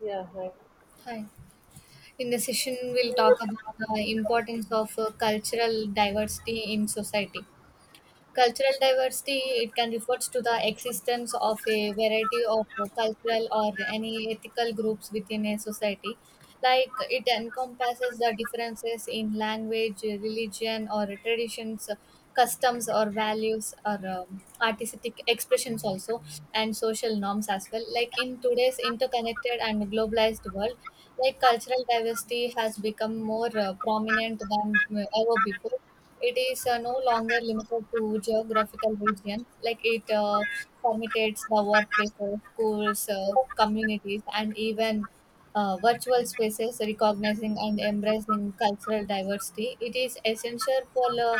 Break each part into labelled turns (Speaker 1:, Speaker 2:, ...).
Speaker 1: Yeah, right.
Speaker 2: Hi. In the session, we'll talk about the importance of cultural diversity in society. Cultural diversity, it can refers to the existence of a variety of cultural or any ethical groups within a society. Like it encompasses the differences in language, religion, or traditions, customs, or values, or artistic expressions also, and social norms as well. Like in today's interconnected and globalized world, like cultural diversity has become more prominent than ever before it is no longer limited to geographical regions, like it permeates the workplaces, schools, communities, and even virtual spaces, recognizing and embracing cultural diversity. It is essential for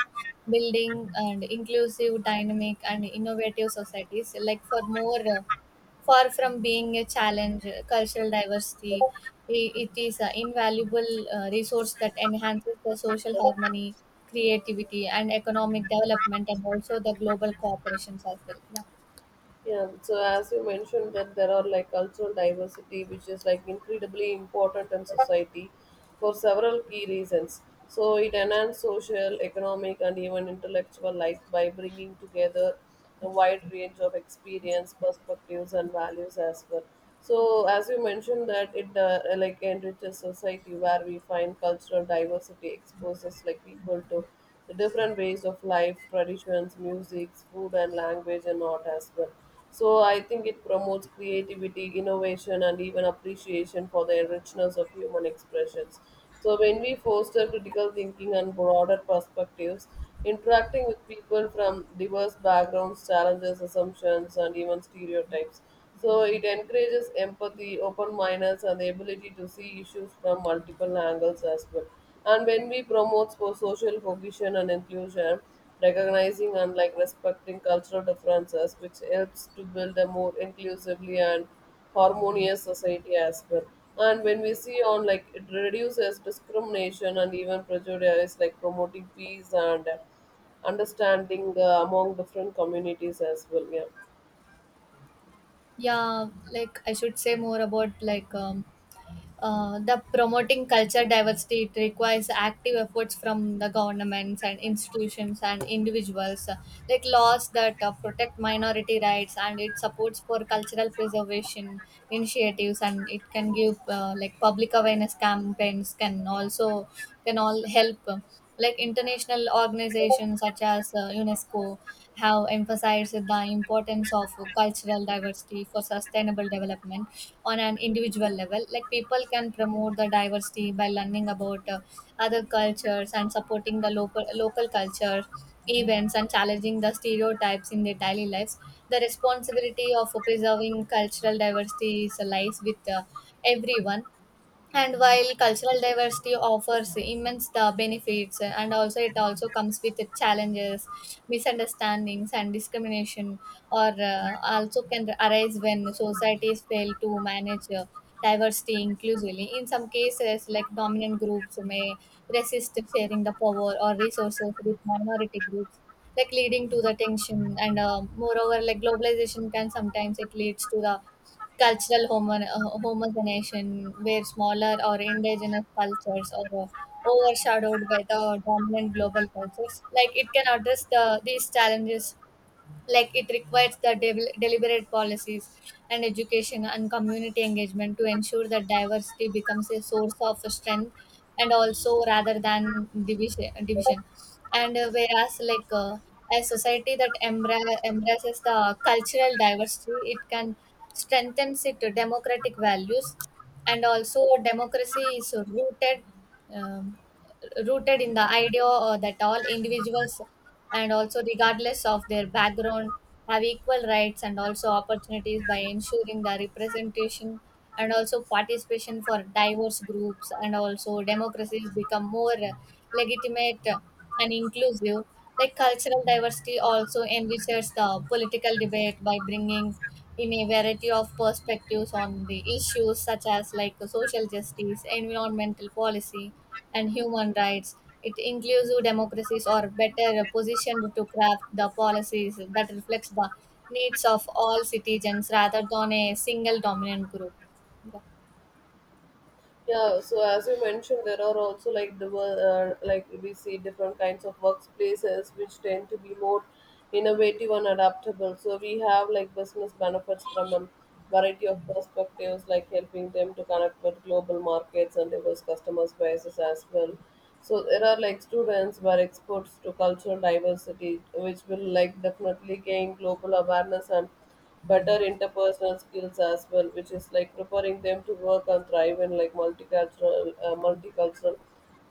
Speaker 2: building and inclusive, dynamic, and innovative societies, like for more. Far from being a challenge, cultural diversity it is an invaluable resource that enhances the social harmony, creativity, and economic development, and also the global cooperations as well. Yeah,
Speaker 1: Yeah. So as you mentioned that there are like cultural diversity, which is like incredibly important in society for several key reasons. So it enhances social, economic, and even intellectual life by bringing together a wide range of experience, perspectives, and values as well. So as you mentioned that it like enriches society where we find cultural diversity exposes like people to the different ways of life, traditions, music, food, and language and art as well. So I think it promotes creativity, innovation, and even appreciation for the richness of human expressions. So when we foster critical thinking and broader perspectives, interacting with people from diverse backgrounds, challenges, assumptions, and even stereotypes. So it encourages empathy, open mindedness, and the ability to see issues from multiple angles as well. And when we promote for social cohesion and inclusion, recognizing and like respecting cultural differences, which helps to build a more inclusively and harmonious society as well. And when we see on like it reduces discrimination and even prejudice, like promoting peace and understanding among different communities as well. Yeah.
Speaker 2: yeah. Like I should say more about like the promoting culture diversity it requires active efforts from the governments and institutions and individuals like laws that protect minority rights and it supports for cultural preservation initiatives and it can give like public awareness campaigns can also can all help like international organizations such as UNESCO have emphasized the importance of cultural diversity for sustainable development on an individual level. Like people can promote the diversity by learning about other cultures and supporting the local culture events and challenging the stereotypes in their daily lives. The responsibility of preserving cultural diversity is lies with everyone and while cultural diversity offers immense the benefits and also it also comes with the challenges misunderstandings and discrimination or also can arise when societies fail to manage diversity inclusively in some cases like dominant groups may resist sharing the power or resources with minority groups like leading to the tension and moreover like globalization can sometimes it leads to the cultural homogenization, where smaller or indigenous cultures are overshadowed by the dominant global cultures. Like it can address the these challenges like it requires the deliberate policies and education and community engagement to ensure that diversity becomes a source of strength and also rather than division and whereas like a society that embraces the cultural diversity it can strengthens it democratic values and also democracy is rooted um, rooted in the idea that all individuals and also regardless of their background have equal rights and also opportunities by ensuring the representation and also participation for diverse groups and also democracies become more legitimate and inclusive like cultural diversity also enriches the political debate by bringing in a variety of perspectives on the issues such as like social justice, environmental policy, and human rights. It inclusive democracies are better positioned to craft the policies that reflects the needs of all citizens rather than a single dominant group. Yeah.
Speaker 1: Yeah, so as you mentioned, there are also like like we see different kinds of workplaces which tend to be more innovative and adaptable. So we have like business benefits from a variety of perspectives, like helping them to connect with global markets and diverse customers' bases as well. So there are like students who are exposed to cultural diversity, which will like definitely gain global awareness and better interpersonal skills as well, which is like preparing them to work and thrive in like multicultural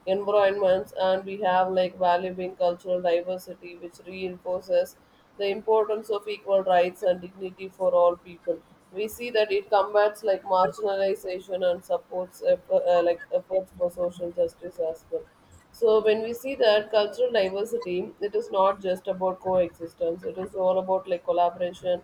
Speaker 1: environments. And we have like valuing cultural diversity, which reinforces the importance of equal rights and dignity for all people. We see that it combats like marginalization and supports effort, like efforts for social justice as well. So when we see that cultural diversity, it is not just about coexistence. It is all about like collaboration,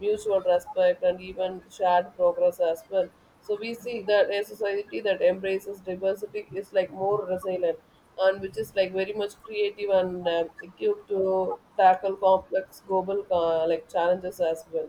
Speaker 1: mutual respect, and even shared progress as well. So we see that a society that embraces diversity is like more resilient and which is like very much creative and equipped to tackle complex global like challenges as well.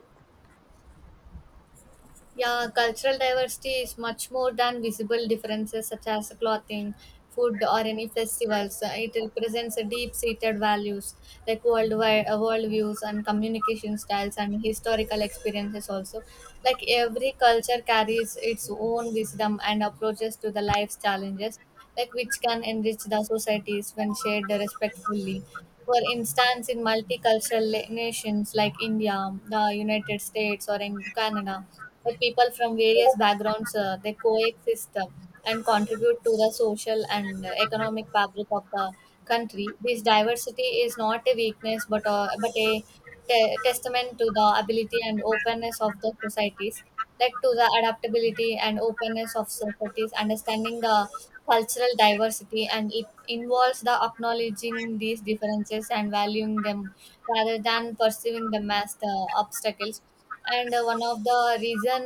Speaker 2: Yeah, cultural diversity is much more than visible differences such as clothing, food, or any festivals. It represents a deep-seated values like worldwide worldviews and communication styles and historical experiences also. Like every culture carries its own wisdom and approaches to the life's challenges, like which can enrich the societies when shared respectfully. For instance, in multicultural nations like India, the United States, or in Canada like people from various backgrounds they coexist and contribute to the social and economic fabric of the country this diversity is not a weakness but a testament to the ability and openness of the societies like to the adaptability and openness of societies understanding the cultural diversity and it involves the acknowledging these differences and valuing them rather than perceiving them as the obstacles and one of the reason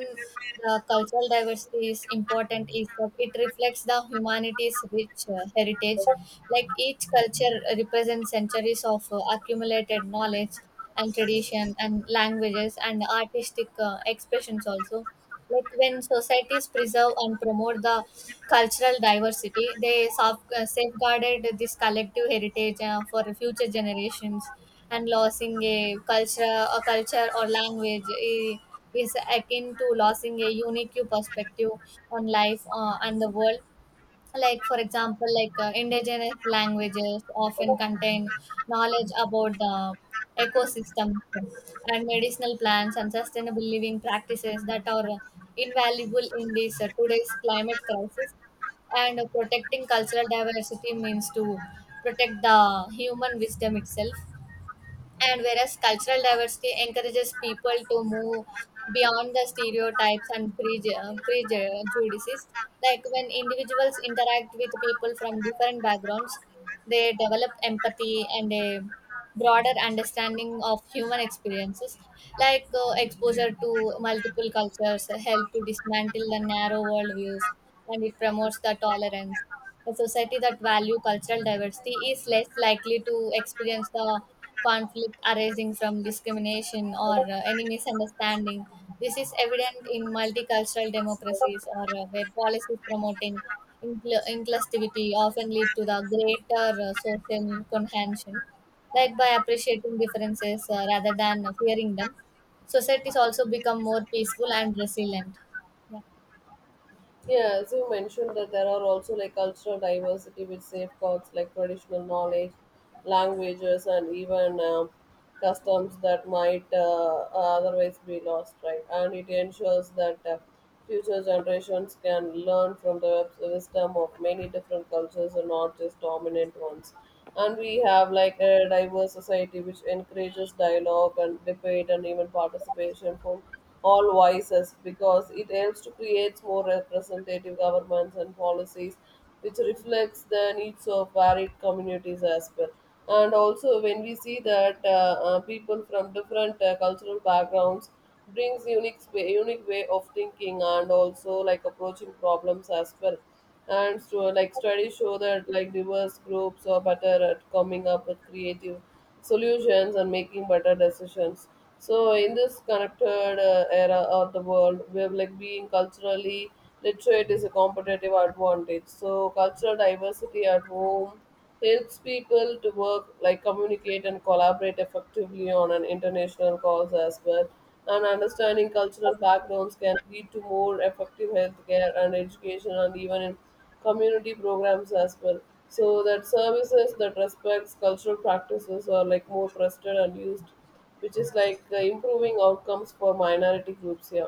Speaker 2: the cultural diversity is important is that it reflects the humanity's rich heritage like each culture represents centuries of accumulated knowledge and tradition and languages and artistic expressions also like when societies preserve and promote the cultural diversity they safeguarded this collective heritage for future generations and losing a culture or language is akin to losing a unique perspective on life and the world like for example like indigenous languages often contain knowledge about the ecosystem and medicinal plants and sustainable living practices that are invaluable in this today's climate crisis and protecting cultural diversity means to protect the human wisdom itself and whereas cultural diversity encourages people to move beyond the stereotypes and prejudices, like when individuals interact with people from different backgrounds, they develop empathy and a broader understanding of human experiences. Like exposure to multiple cultures help to dismantle the narrow worldviews and it promotes the tolerance a society that value cultural diversity is less likely to experience the conflict arising from discrimination or any misunderstanding. This is evident in multicultural democracies or where policies promoting inclusivity often lead to the greater social cohesion. Like by appreciating differences rather than fearing them, societies also become more peaceful and resilient. Yeah.
Speaker 1: Yeah, as you mentioned that there are also like cultural diversity with safeguards like traditional knowledge, languages, and even customs that might otherwise be lost, right? And it ensures that future generations can learn from the wisdom of many different cultures and not just dominant ones. And we have like a diverse society which encourages dialogue and debate and even participation from all voices because it helps to create more representative governments and policies which reflects the needs of varied communities as well. And also when we see that people from different cultural backgrounds brings unique way of thinking and also like approaching problems as well. And so like studies show that like diverse groups are better at coming up with creative solutions and making better decisions. So in this connected era of the world, we have like being culturally literate is a competitive advantage. So cultural diversity at home helps people to work, like communicate and collaborate effectively on an international cause as well. And understanding cultural backgrounds can lead to more effective healthcare and education and even in community programs as well. So that services that respects cultural practices are like more trusted and used, which is like improving outcomes for minority groups here.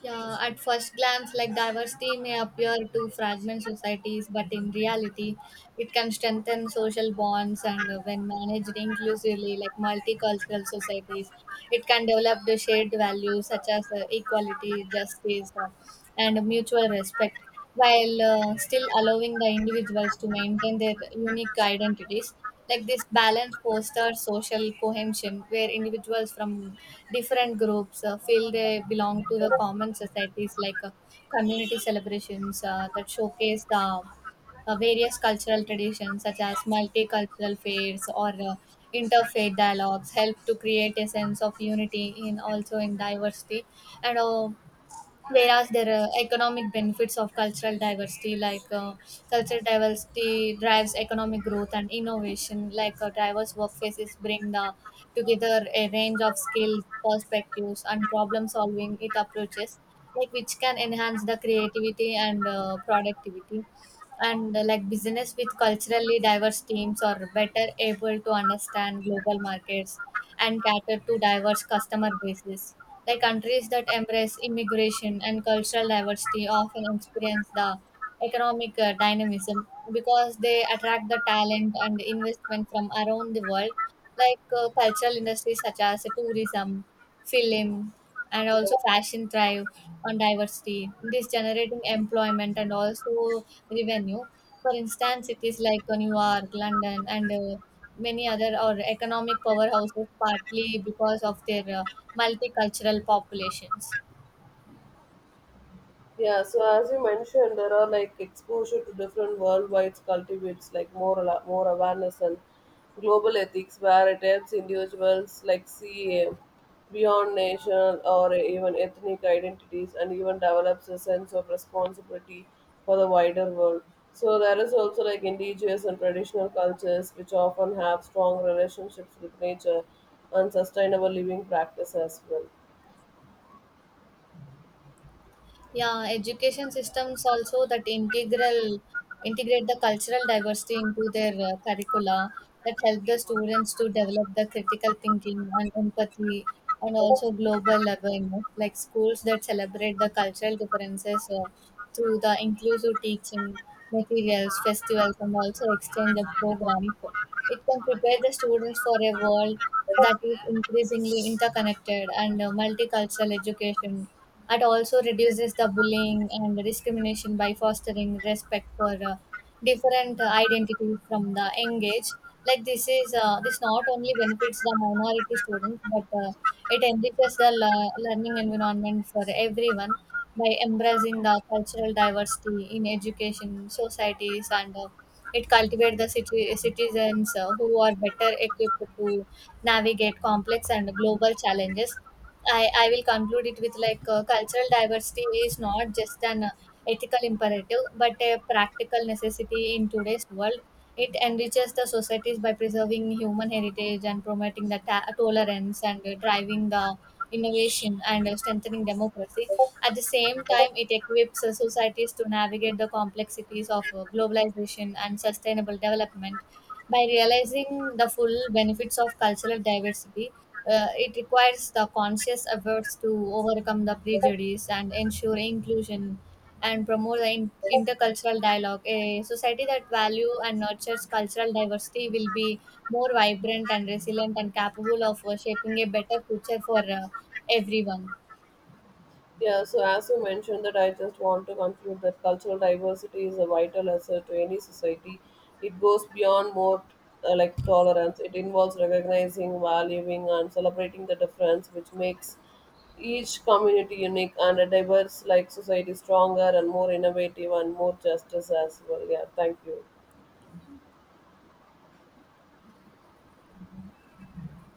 Speaker 2: Yeah, at first glance, like diversity may appear to fragment societies, but in reality, it can strengthen social bonds. And when managed inclusively, like multicultural societies, it can develop the shared values such as equality, justice, and mutual respect while still allowing the individuals to maintain their unique identities. Like this balance fosters social cohesion, where individuals from different groups feel they belong to the common societies, like community celebrations that showcase the various cultural traditions, such as multicultural fairs or interfaith dialogues, help to create a sense of unity in also in diversity and whereas there are economic benefits of cultural diversity like cultural diversity drives economic growth and innovation like diverse workplaces bring the, together a range of skills perspectives and problem solving it approaches like which can enhance the creativity and productivity and like business with culturally diverse teams are better able to understand global markets and cater to diverse customer bases. Like countries that embrace immigration and cultural diversity often experience the economic dynamism because they attract the talent and investment from around the world, like cultural industries such as tourism, film, and also fashion thrive on diversity. This generating employment and also revenue. For instance, cities like New York, London, and many other or economic powerhouses partly because of their multicultural populations.
Speaker 1: Yeah, so as you mentioned, there are like exposure to different worldwide cultivates like more awareness and global ethics, where it helps individuals like see beyond national or even ethnic identities, and even develops a sense of responsibility for the wider world. So there is also like indigenous and traditional cultures which often have strong relationships with nature and sustainable living practice as well.
Speaker 2: Yeah, education systems also that integral integrate the cultural diversity into their curricula that help the students to develop the critical thinking and empathy and also global awareness like schools that celebrate the cultural differences through the inclusive teaching materials festivals and also exchange of programs it can prepare the students for a world that is increasingly interconnected and multicultural education it also reduces the bullying and discrimination by fostering respect for different identities from the young age. Like this not only benefits the minority students, but it enriches the learning environment for everyone by embracing the cultural diversity in education, societies, and it cultivates the citizens who are better equipped to navigate complex and global challenges I will conclude it with like cultural diversity is not just an ethical imperative but a practical necessity in today's world. It enriches the societies by preserving human heritage and promoting the tolerance and driving the innovation and strengthening democracy. At the same time, it equips societies to navigate the complexities of globalization and sustainable development by realizing the full benefits of cultural diversity it requires the conscious efforts to overcome the prejudice and ensure inclusion and promote the intercultural dialogue. A society that value and nurtures cultural diversity will be more vibrant and resilient and capable of shaping a better future for everyone.
Speaker 1: Yeah, so as you mentioned that I just want to conclude that cultural diversity is a vital asset to any society. It goes beyond more like tolerance. It involves recognizing, valuing, and celebrating the difference, which makes each community unique and a diverse like society stronger and more innovative and more justice as well. Yeah, thank you.